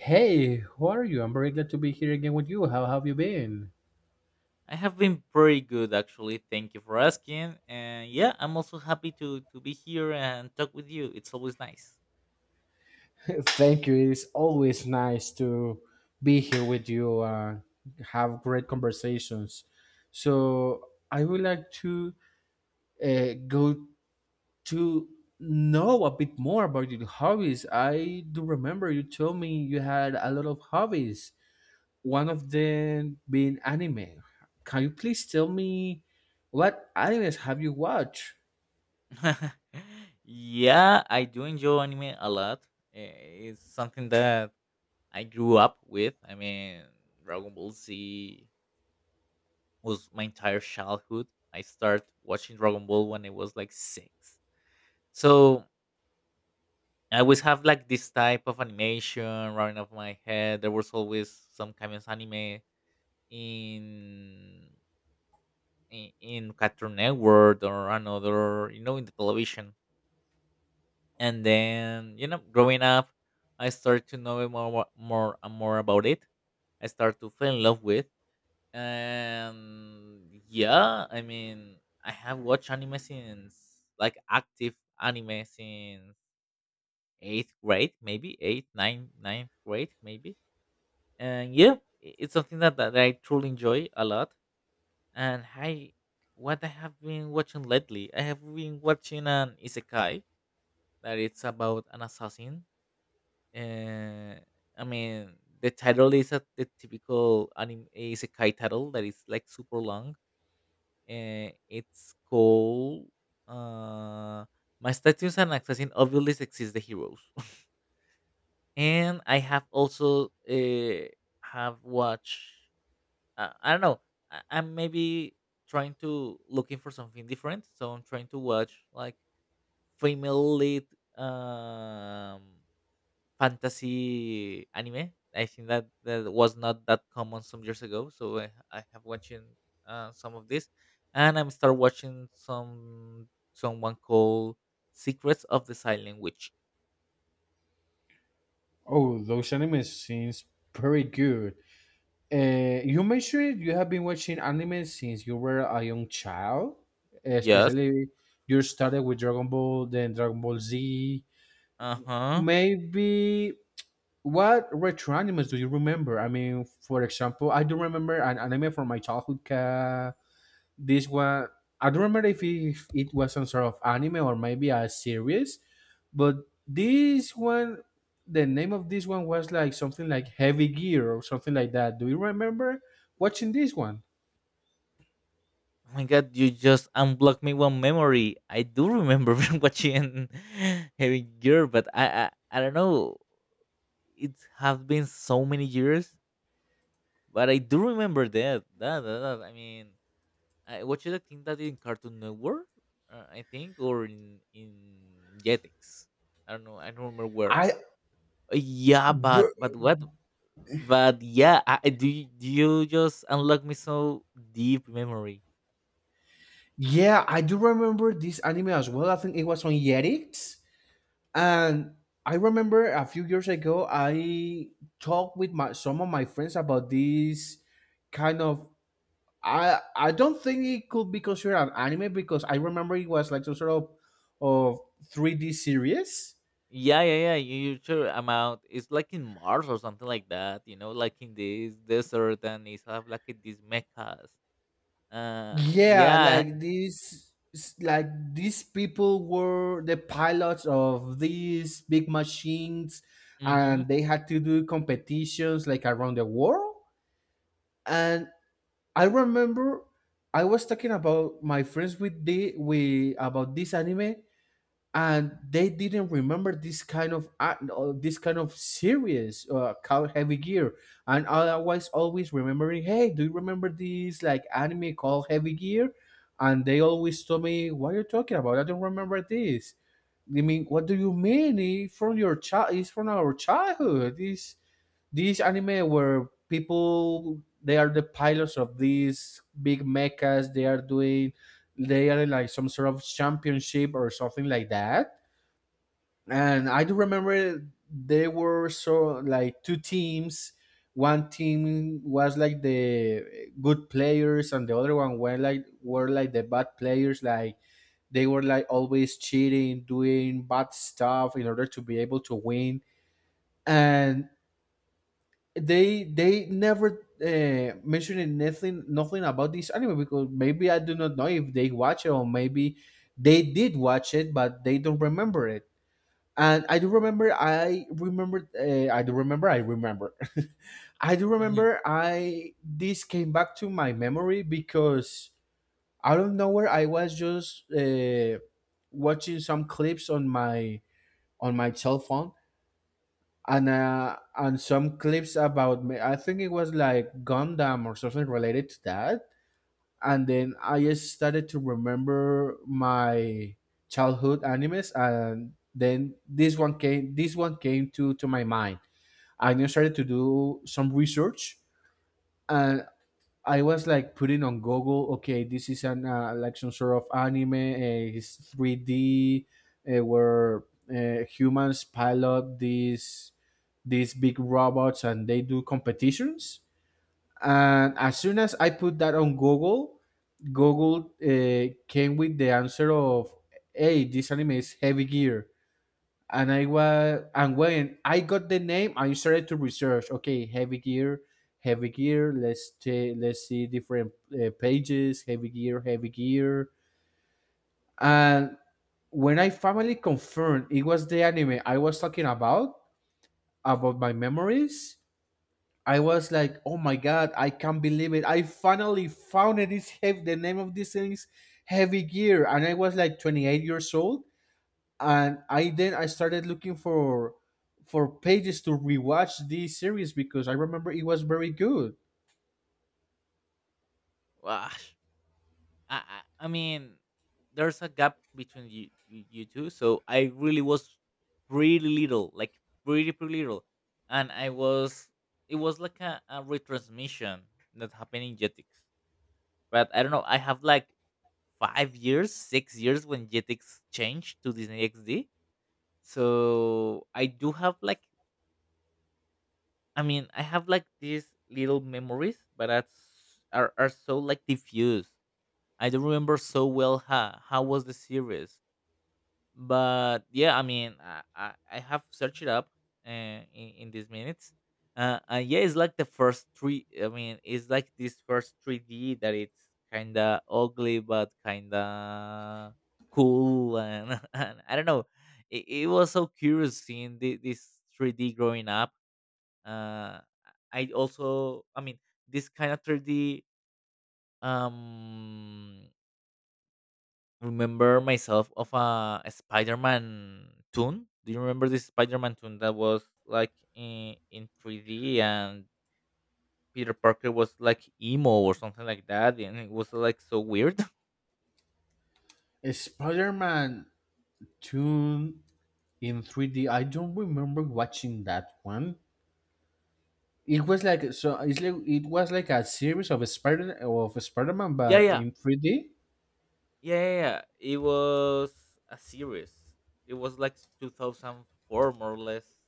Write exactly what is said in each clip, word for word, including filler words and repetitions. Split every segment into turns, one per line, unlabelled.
Hey, how are you? I'm very glad to be here again with you. How have you been?
I have been pretty good actually. Thank you for asking. And yeah, I'm also happy to to be here and talk with you. It's always nice.
Thank you. It's always nice to be here with you and have great conversations. So, I would like to uh, go to know a bit more about your hobbies. I do remember you told me you had a lot of hobbies, one of them being anime. Can you please tell me what animes have you watched?
Yeah, I do enjoy anime a lot. Eh, It's something that I grew up with. I mean, Dragon Ball Z was my entire childhood. I started watching Dragon Ball when I was like six. So, I always have like this type of animation running off my head. There was always some kind of anime in in, in Cartoon Network or another, you know, in the television. And then, you know, growing up, I started to know more, wa- more and more about it. I started to fall in love with. And yeah, I mean, I have watched anime since, like, active anime since eighth grade, maybe eighth, ninth, ninth grade, maybe. And yeah, i- it's something that, that I truly enjoy a lot. And hi, what I have been watching lately, I have been watching an isekai that it's about an assassin. Uh, I mean, the title is a, the typical anime isekai title that is like super long. Uh, it's called uh, "My Statues and Assassin Obviously Exist the Heroes," and I have also uh, have watched uh, I don't know. I, I'm maybe trying to looking for something different, so I'm trying to watch like female lead um, fantasy anime. I think that that was not that common some years ago, so I, I have watching uh, some of this, and I'm start watching some someone called Secrets of the Silent Witch.
Oh, those anime seems pretty good. Uh, you mentioned you have been watching anime since you were a young child,
Yes.
especially you started with Dragon Ball, then Dragon Ball Z.
Uh huh.
Maybe what retro animes do you remember? I mean, for example, I do remember an anime from my childhood. Uh, this one, I don't remember if it, if it was some sort of anime or maybe a series, but this one, the name of this one was like something like Heavy Gear or something like that. Do you remember watching this one?
Oh my god, you just unblocked me one memory. I do remember watching Heavy Gear, but I, I I don't know. It has been so many years, but I do remember that. That, that, that. I mean, I watched it, I think that in Cartoon Network, uh, I think, or in in Jetix. I don't know. I don't remember where.
i
Uh, yeah,
br-
but but what? But yeah, I, I- do you, do you just unlock me so deep memory?
yeah, I do remember this anime as well. I think it was on Yetix, and I remember a few years ago I talked with my, some of my friends about this kind of, I I don't think it could be considered an anime because I remember it was like some sort of of three D series.
Yeah, yeah, yeah. You use your amount. It's like in Mars or something like that. You know, like in this desert, and it's have like these mechas. Uh,
Yeah,
yeah.
like these, like these people were the pilots of these big machines
Mm-hmm.
and they had to do competitions like around the world. And I remember I was talking about my friends with the we about this anime and they didn't remember this kind of act- uh, this kind of series uh, called Heavy Gear, and I was always remembering, hey, do you remember this like anime called Heavy Gear? And they always told me, what are you talking about? I don't remember this. I mean, what do you mean? It's from your child, it's from our childhood. This this anime where people, they are the pilots of these big mechas. They are doing, they are in like some sort of championship or something like that, and I do remember there were so like two teams. One team was like the good players, and the other one were like, were like the bad players. Like, they were like always cheating, doing bad stuff in order to be able to win. And they they never uh, mentioned nothing nothing about this anime because maybe I do not know if they watch it, or maybe they did watch it, but they don't remember it. And I do remember I remember uh, I do remember I remember I do
Mm-hmm.
remember I this came back to my memory because out of nowhere I was just uh, watching some clips on my on my cell phone, and uh, and some clips about me, I think it was like Gundam or something related to that, and then I just started to remember my childhood animes, and then this one came. This one came to to my mind. I then started to do some research, and I was like putting on Google, okay, this is an uh, like some sort of anime. Uh, it's three D, uh, where uh, humans pilot these these big robots and they do competitions. And as soon as I put that on Google, Google uh, came with the answer of, "Hey, this anime is Heavy Gear," and I was, and when I got the name, I started to research. Okay, Heavy Gear, Heavy Gear. Let's ta- let's see different uh, pages. Heavy Gear, Heavy Gear, and when I finally confirmed it was the anime I was talking about about my memories, I was like, oh my god, I can't believe it. I finally found it. It's heavy. The name of this thing is Heavy Gear, and I was like twenty-eight years old. And I then I started looking for for pages to rewatch this series because I remember it was very good.
Wow. I, I, I mean, there's a gap between you, you you two. So I really was pretty little, like pretty pretty little, and I was. It was like a, a retransmission that happened in Jetix. But I don't know, I have like five years, six years when Jetix changed to Disney X D. So I do have like I mean, I have like these little memories, but that's are, are so like diffuse. I don't remember so well how how was the series. But yeah, I mean i i, I have searched it up uh, in, in these minutes, uh, and yeah, it's like the first three, I mean, it's like this first three D that it's kind of ugly but kind of cool, and and I don't know, it, it was so curious seeing the, this three D growing up. uh I also, I mean, this kind of three D um remember myself of a a Spider-Man tune. Do you remember this Spider-Man tune that was like in, in three D and Peter Parker was like emo or something like that and it was like so weird?
Spider Man Tune in three D. I don't remember watching that one. It was like so. It's like it was like a series of Spider of Spider Man,
Yeah,
but
yeah.
in three D.
Yeah, yeah, yeah. It was a series. It was like two thousand four more or less.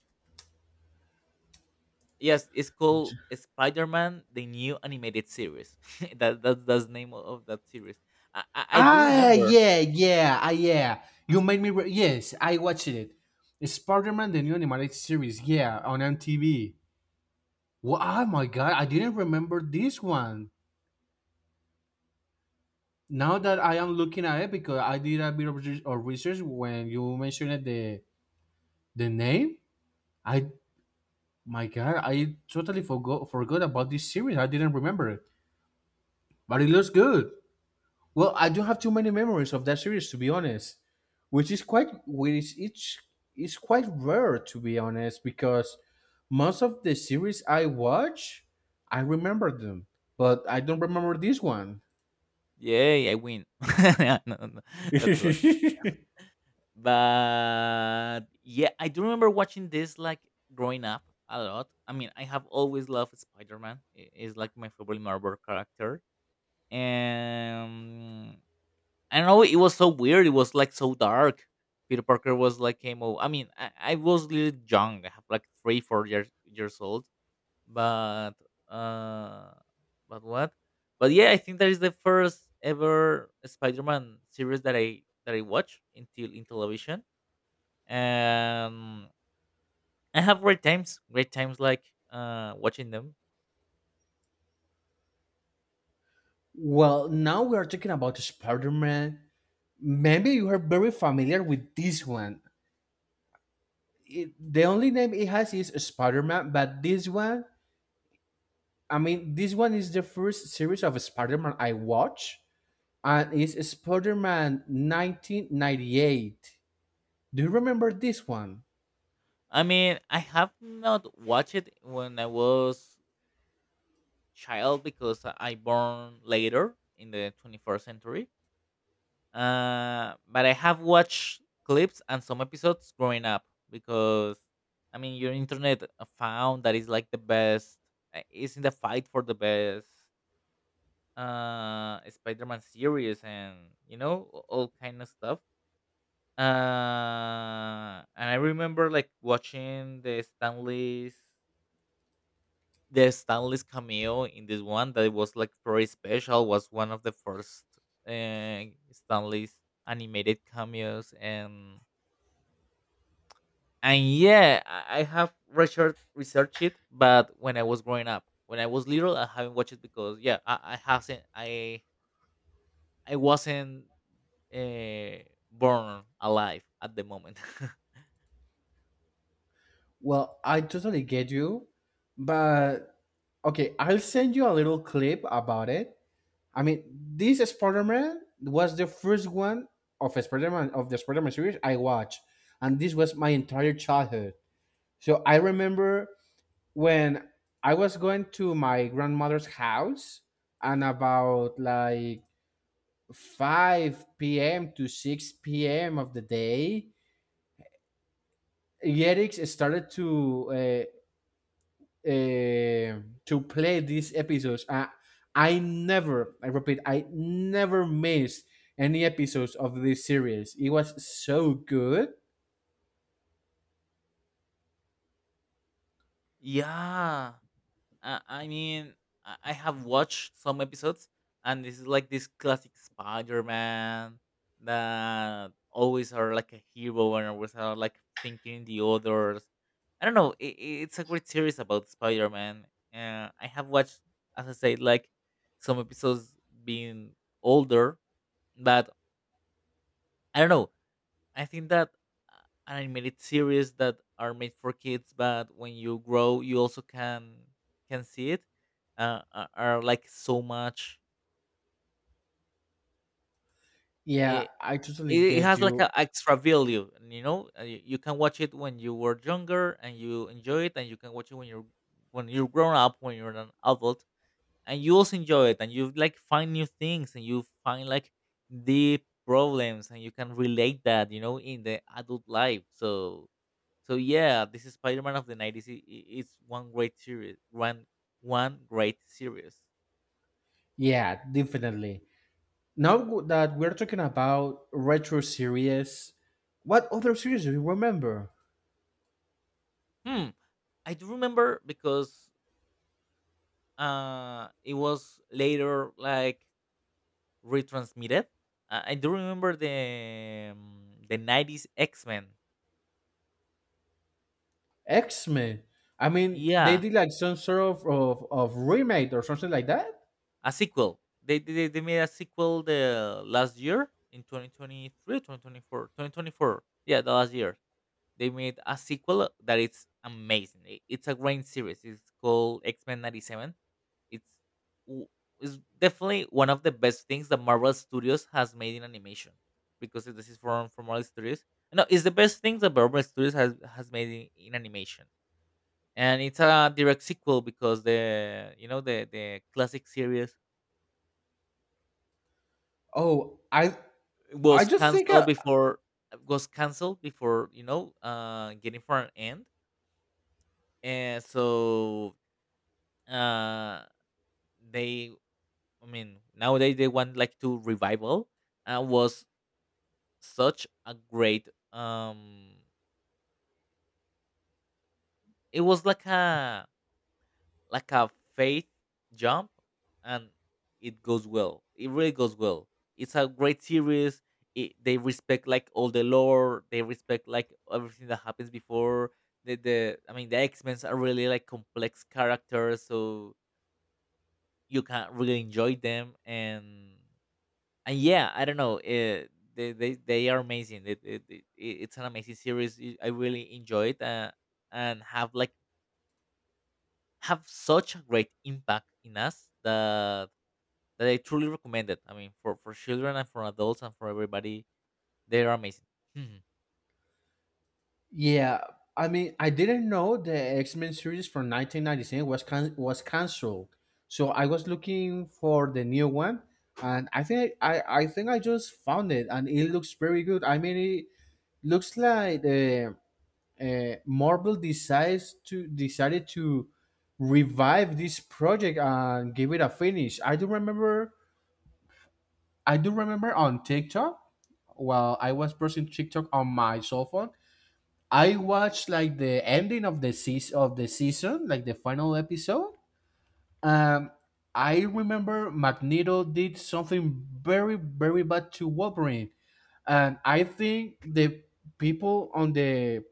Yes, it's called Spider-Man: The New Animated Series. that, that that's the name of that series. I, I, I do
Ah,
remember.
yeah, yeah, ah, yeah. You made me. Re- yes, I watched it. Spider Man, the new animated series, yeah, on M T V. Wow, oh my god, I didn't remember this one. Now that I am looking at it, because I did a bit of re- of research when you mentioned the the name, I, my god, I totally forgot forgot about this series. I didn't remember it, but it looks good. Well, I don't have too many memories of that series to be honest, which is quite which it's is quite rare to be honest because most of the series I watch, I remember them, but I don't remember this one.
Yay, I win. Yeah. No, no, no, that's a. But yeah, I do remember watching this like growing up a lot. I mean, I have always loved Spider Man. It's like my favorite Marvel character. And I don't know, it was so weird. It was like so dark. Peter Parker was like came over. I mean, I, I was little young. I have like three, four years years old, but uh but what, but yeah, I think that is the first ever spider-man series that i that i watch until in television. And I have great times, great times like uh watching them.
Well, now we are talking about Spider-Man. Maybe you are very familiar with this one. It, the only name it has is Spider-Man, but this one, I mean, this one is the first series of Spider-Man I watch. And it's Spider-Man nineteen ninety-eight. Do you remember this one?
I mean, I have not watched it when I was child because i I born later in the twenty-first century. Uh, but I have watched clips and some episodes growing up because I mean, your internet uh, found that it's like the best. uh, It's in the fight for the best uh Spider-Man series and you know a- all kind of stuff. Uh, and I remember like watching the Stanley's the Stanley's cameo in this one that was like very special. Was one of the first uh, Stanley's animated cameos. and and yeah, I I have research researched it, but when I was growing up, when I was little, I haven't watched it because yeah, I, I hasn't, I I wasn't uh, born alive at the moment.
Well, I totally get you, but okay, I'll send you a little clip about it. I mean, this Spider-Man was the first one of Spider-Man of the Spider-Man series I watched, and this was my entire childhood. So I remember when I was going to my grandmother's house and about like five p m to six p m of the day, Yerix started to uh, uh, to play these episodes. Uh, I never, I repeat, I never missed any episodes of this series. It was so good.
Yeah. Uh, I mean, I I have watched some episodes, and this is like this classic Spider-Man that always are like a hero and always are like thinking the others. I don't know. It, it's a great series about Spider-Man. Uh, I have watched, as I say, like some episodes being older, but I don't know. I think that uh, animated series that are made for kids, but when you grow, you also can can see it, uh, are are, like so much.
Yeah,
It,
I totally
it it
get
has like
you.
an extra value, and, you know. uh, You you can watch it when you were younger and you enjoy it, and you can watch it when you're when you're grown up, when you're an adult, and you also enjoy it, and you like find new things, and you find like deep problems, and you can relate that, you know, in the adult life. So So yeah, this is Spider-Man of the nineties. i- i- It's one great series. One one great series.
Yeah, definitely. Now that we're talking about retro series, what other series do you remember?
Hmm. I do remember because uh it was later like retransmitted. Uh, I do remember the um, the nineties X-Men.
X Men. I mean, they
Yeah,
did like some sort of, of of remake or something like that.
a sequel. They, they they made a sequel the last year in twenty twenty-three, twenty twenty-four, twenty twenty-four. Yeah, the last year. They made a sequel that it's amazing. I- It's a great series. It's called X Men 'ninety-seven. It's w- it's definitely one of the best things that Marvel Studios has made in animation because it- this is from from Marvel Studios. No, it's the best thing that Marvel Studios has has made in, in animation, and it's a direct sequel because the, you know, the the classic series
Oh, I I
was
just think, I,
canceled before was canceled before, you know, uh getting for an end. And so uh they, I mean, nowadays they want like to revival. Uh, was such a great um it was like a, like a faith jump. And it goes well, it really goes well. It's a great series. It, they respect like all the lore, they respect like everything that happens before. The, the I mean, the x-men are really like complex characters, so you can really enjoy them. and and yeah, I don't know, uh, they, they they are amazing. It, it, it, it- it's an amazing series. y- I really enjoyed, uh, and have like have such a great impact in us that that I truly recommend it. I mean, for for children and for adults and for everybody, they are amazing. Mhm.
Yeah. I mean, I didn't know the X Men series from nineteen ninety-seven was can- was canceled. So I was looking for the new one, and I think I I think I just found it, and it looks very good. I mean, it looks like uh, uh, Marvel decides to decided to revive this project and give it a finish. I do remember I do remember on TikTok while I was browsing TikTok on my cell phone, I watched like the ending of the seas of the season, like the final episode. Um I remember Magneto did something very, very bad to Wolverine, and I think the people on the,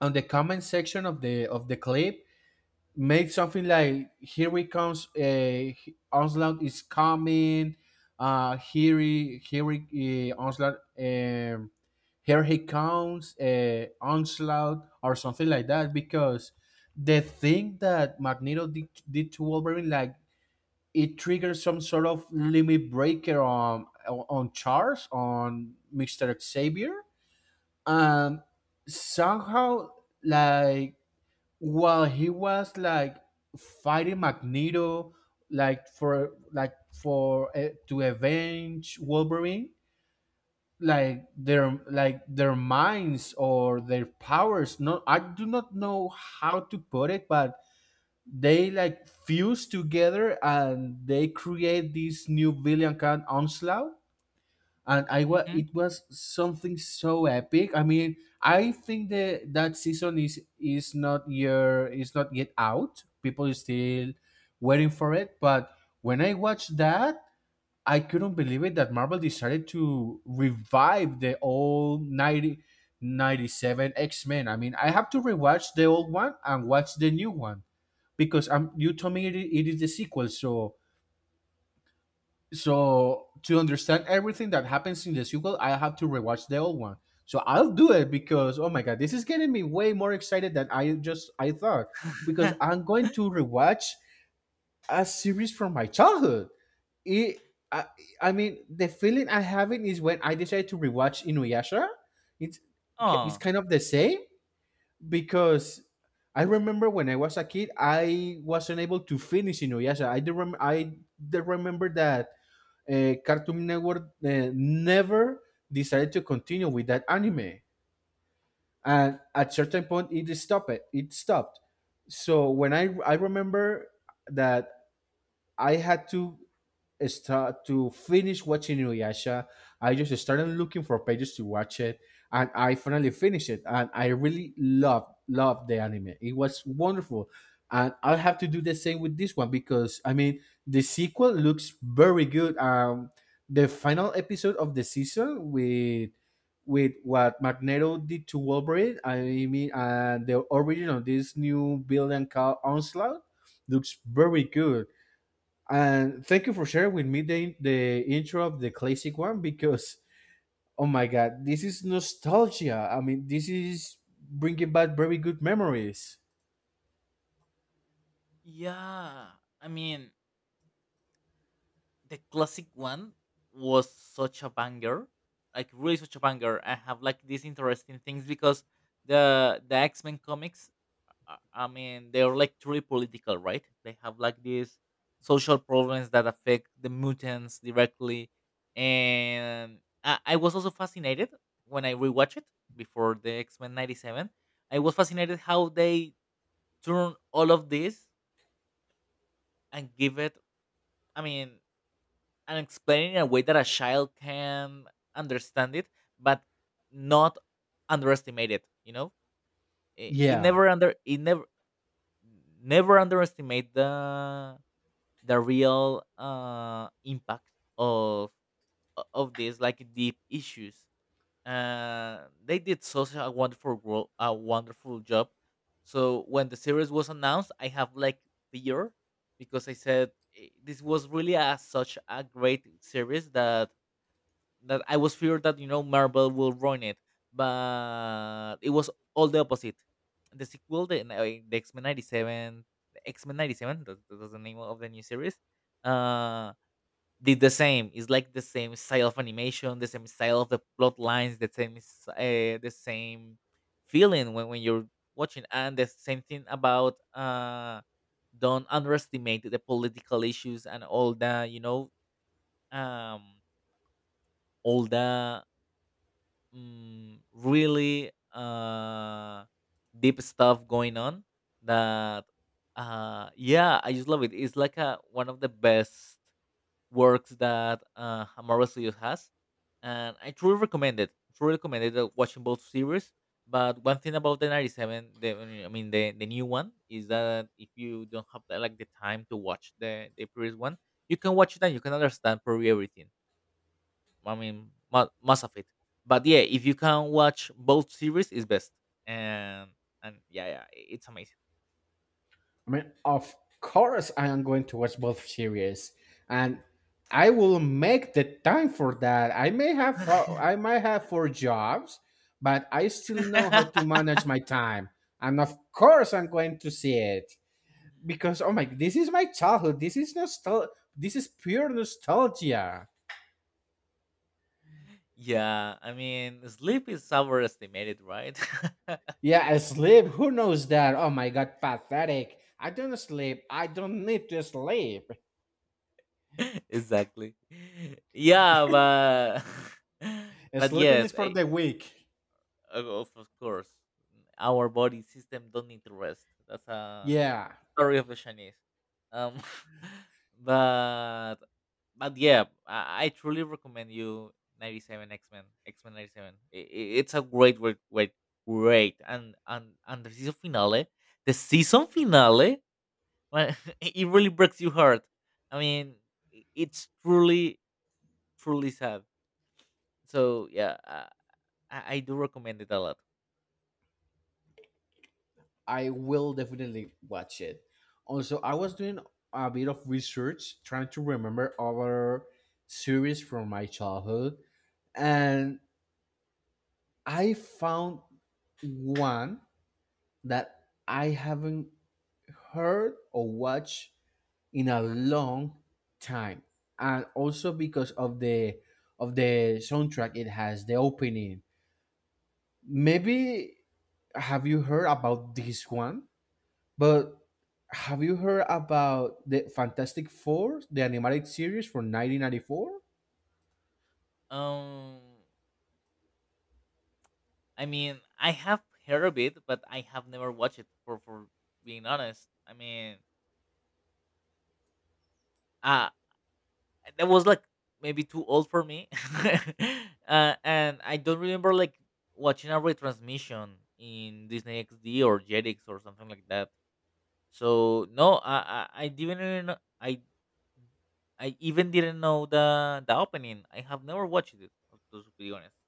on the comment section of the, of the clip make something like, here we comes, uh onslaught is coming, uh here he here he, uh, onslaught um here he comes uh onslaught or something like that, because the thing that Magneto did, did to Wolverine, like, it triggers some sort of limit breaker on on Charles, on Mr. Xavier. And somehow, like, while he was like fighting Magneto, like for, like for uh, to avenge Wolverine, like their, like their minds or their powers. No, I do not know how to put it, but they like fuse together and they create this new villain called Onslaught. And I was,
Mm-hmm.
it was something so epic. I mean, I think that that season is is not your is not yet out. People are still waiting for it. But when I watched that, I couldn't believe it that Marvel decided to revive the old ninety ninety seven X Men. I mean, I have to rewatch the old one and watch the new one because um, you told me it, it is the sequel, so, so to understand everything that happens in the sequel, I have to rewatch the old one. So I'll do it because, oh my god, this is getting me way more excited than I just I thought, because I'm going to rewatch a series from my childhood. It, I, I mean, the feeling I'm having is when I decided to rewatch Inuyasha. It's it's
Oh,
kind of the same because I remember when I was a kid, I wasn't able to finish Inuyasha. I do rem- I do remember that uh, Cartoon Network uh, never decided to continue with that anime, and at certain point it stopped. It stopped. So when I I remember that I had to start to finish watching Inuyasha, I just started looking for pages to watch it, and I finally finished it, and I really loved loved the anime. It was wonderful, and I'll have to do the same with this one because I mean the sequel looks very good. Um, the final episode of the season with with what Magneto did to Wolverine, I mean, and the origin of this new villain called Onslaught looks very good. And thank you for sharing with me the, the intro of the classic one because, oh my God, this is nostalgia. I mean, this is bringing back very good memories.
yeah. I mean, the classic one was such a banger, like really such a banger. I have like these interesting things because the the X Men comics I I mean, they're like truly political, right? They have like these social problems that affect the mutants directly. And I, I was also fascinated when I rewatched it before the X Men ninety-seven. I was fascinated how they turn all of this and give it, I mean, and explain it in a way that a child can understand it, but not underestimate it, you know? It, it
Yeah.
never under, it never, never underestimate the the real uh, impact of of these like deep issues. Uh, they did such a wonderful wo- a wonderful job. So when the series was announced, I have like fear because I said, "Eh, this was really a, such a great series that that I was feared that you know Marvel will ruin it," but it was all the opposite. The sequel, the, uh, the X Men 'ninety-seven, the X Men 'ninety-seven, that, that was the name of the new series. Uh, did the same. It's like the same style of animation, the same style of the plot lines, the same s- uh, the same feeling when, when you're watching, and the same thing about uh, don't underestimate the political issues and all the you know um all the Mm, really uh deep stuff going on that uh yeah I just love it. It's like a one of the best works that uh Hamara Studios has, and I truly recommend it. Truly recommend it, uh, watching both series. But one thing about the ninety-seven, the I mean the the new one is that if you don't have the, like the time to watch the the previous one, you can watch it and you can understand probably everything. I mean, mo- most of it. But yeah, if you can watch both series, it's best. And and yeah, yeah, i- it's amazing.
I mean, of course, I am going to watch both series. And I will make the time for that. I may have four, I might have four jobs, but I still know how to manage my time. And of course, I'm going to see it, because oh my, this is my childhood, this is nostal this is pure nostalgia.
Yeah, I mean, sleep is overestimated, right?
Yeah, I sleep, who knows that? Oh my god, pathetic. I don't sleep I don't need to sleep.
Exactly. Yeah, but but
Sleeping
yes,
is for
eh,
the weak.
of of of course, our body system don't need to rest. That's a
Yeah,
story of the Chinese. Um, but but yeah, I, I truly recommend you ninety-seven X Men, X Men ninety-seven. It's a great, great, great, great, and and and the season finale, the season finale, well, it really breaks your heart. I mean, i- it's truly, truly sad. So yeah, I, I I do recommend it a lot.
I will definitely watch it. Also, I was doing a bit of research, trying to remember other series from my childhood, and I found one that I haven't heard or watched in a long time. And also because of the of the soundtrack, it has the opening. Maybe, have you heard about this one? But have you heard about the Fantastic Four, the animated series from nineteen ninety-four?
Um. I mean, I have heard of it, but I have never watched it. For for being honest. I mean, uh that was like maybe too old for me. Uh, and I don't remember like watching a retransmission in Disney X D or Jetix or something like that. So no, I I, I didn't even know, I I even didn't know the the opening. I have never watched it. To to be honest.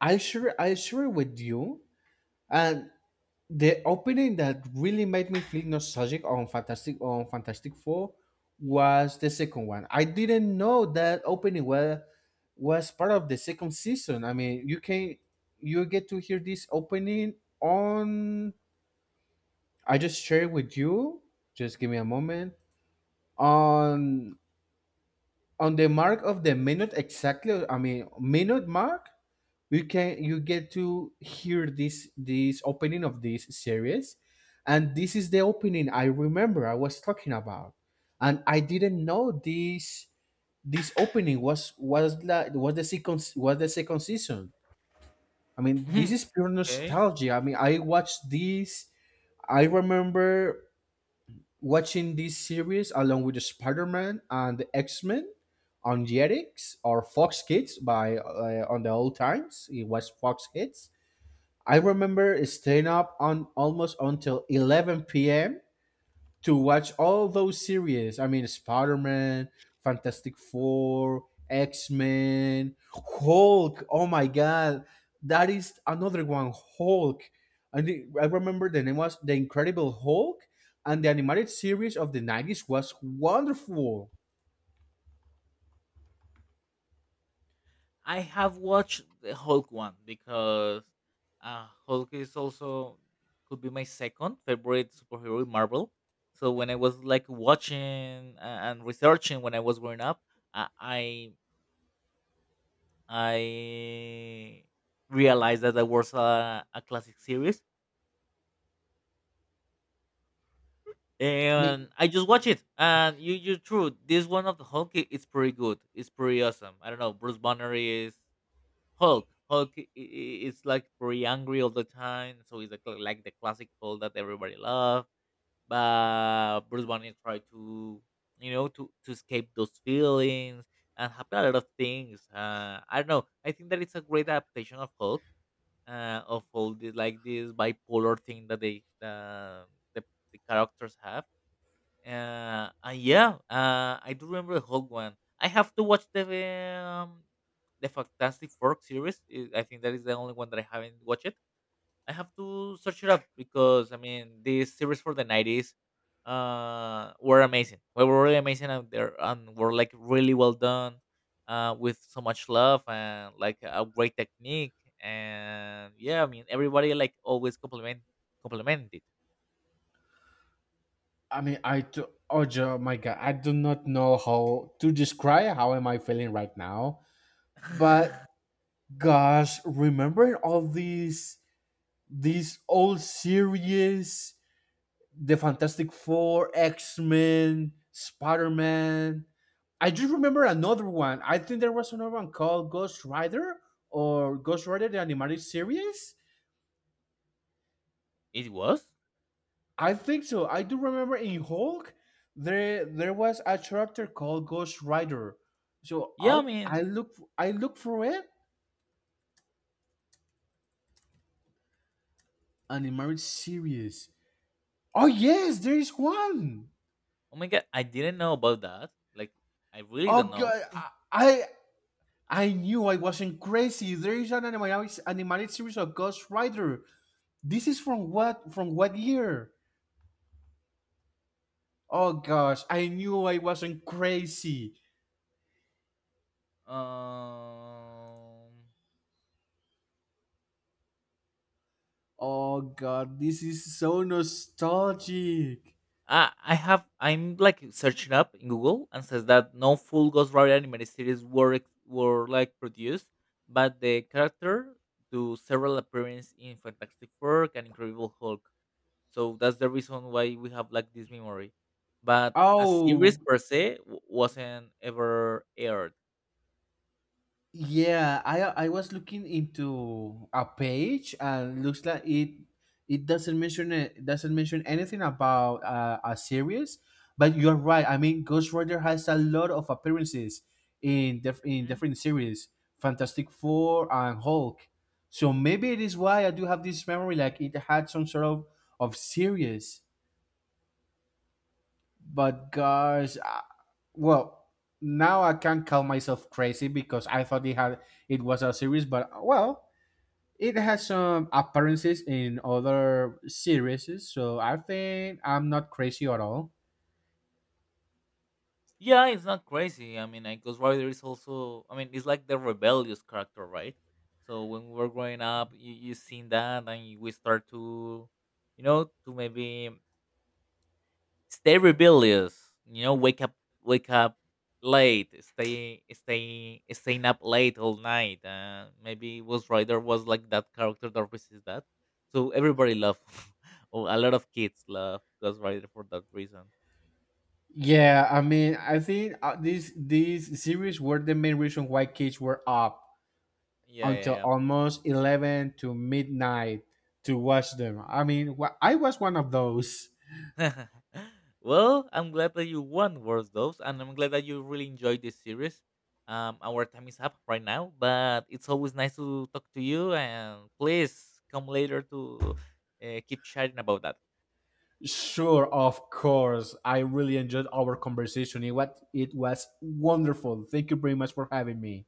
i share I share with you and the opening that really made me feel nostalgic on Fantastic on Fantastic Four. Was the second one. I didn't know that opening was was part of the second season. I mean, you can you get to hear this opening on. I just share it with you. Just give me a moment on on the mark of the minute exactly. I mean, minute mark, you can you get to hear this this opening of this series, and this is the opening I remember I was talking about. And I didn't know this this opening was was la, was the second was the second season. I mean, this
Mhm.
is pure
Okay.
nostalgia. I mean, I watched this. I remember watching this series along with the Spider-Man and the X-Men on Jetix or Fox Kids. By, uh, on the old times, it was Fox Kids. I remember staying up on almost until eleven p m to watch all those series. I mean, Spider Man, Fantastic Four, X Men, Hulk. Oh my God, that is another one, Hulk. And the- I remember the name was The Incredible Hulk, and the animated series of the nineties was wonderful.
I have watched the Hulk one because uh, Hulk is also could be my second favorite superhero in Marvel. So when I was like watching uh, and researching when I was growing up, uh, I I realized that that was a, a classic series,
I mean,
and I just watch it. And you, you're true. This one of the Hulk, i- it's pretty good. It's pretty awesome. I don't know. Bruce Banner is Hulk. Hulk i- i- is like very angry all the time, so he's like, like the classic Hulk that everybody love. But Bruce Banner tried to, you know, to to escape those feelings and happen a lot of things. Uh, I don't know. I think that it's a great adaptation of Hulk, uh, of all the like this bipolar thing that they uh, the the characters have uh, uh yeah, uh, I do remember the whole one. I have to watch the um, the Fantastic Four series. I I think that is the only one that I haven't watched it. I have to search it up because I mean these series for the nineties uh were amazing. They were really amazing, and they and were like really well done, uh, with so much love and like a great technique. And yeah, I mean everybody like always compliment complimented.
I mean, I do, oh jo- my God, I do not know how to describe how am I feeling right now, but gosh, remembering all these these old series, the Fantastic Four, X Men, Spider Man. I just remember another one. I think there was another one called Ghost Rider, or Ghost Rider the animated series.
It was.
I think so. I do remember in Hulk there there was a character called Ghost Rider. So
Yeah,
I
I
I
mean,
look I look for it animated series. Oh yes, there is one.
oh my god, I didn't know about that. Like, I really don't
Oh
know.
god, I I, I knew I wasn't crazy. There is an animated, animated series of Ghost Rider. This is from what from what year? Oh gosh, I knew I wasn't crazy.
Um,
Oh god, this is so nostalgic.
I I have I'm like searching up in Google, and says that no full Ghost Rider animated series were ex- were like produced, but the character do several appearances in Fantastic Four and Incredible Hulk. So that's the reason why we have like this memory. But a series
Oh
per se w- wasn't ever aired.
yeah, I I was looking into a page, and looks like it it doesn't mention it doesn't mention anything about uh, a series. But you're right. I mean, Ghost Rider has a lot of appearances in dif- in different series, Fantastic Four and Hulk. So maybe it is why I do have this memory, like it had some sort of of series. But gosh, well, now I can't call myself crazy because I thought it had it was a series. But well, it has some appearances in other series, so I think I'm not crazy at all.
Yeah, it's not crazy. I mean, like Ghost Rider is also, I mean, it's like the rebellious character, right? So when we were growing up, you you seen that, and you- we start to, you know, to maybe stay rebellious. You know, wake up, wake up late, stay, stay, staying up late all night. Uh, maybe Ghost Rider was like that character that resists that. So everybody loved, or a lot of kids love Ghost Rider for that reason.
Yeah, I mean, I think uh, these these series were the main reason why kids were up
Yeah, yeah,
until
yeah.
almost eleven to midnight to watch them. I mean, wh- I was one of those.
Well, I'm glad that you won World Doves, and I'm glad that you really enjoyed this series. Um, our time is up right now, but it's always nice to talk to you. And please come later to uh, keep chatting about that.
Sure, of course. I really enjoyed our conversation. It was, it was wonderful. Thank you very much for having me.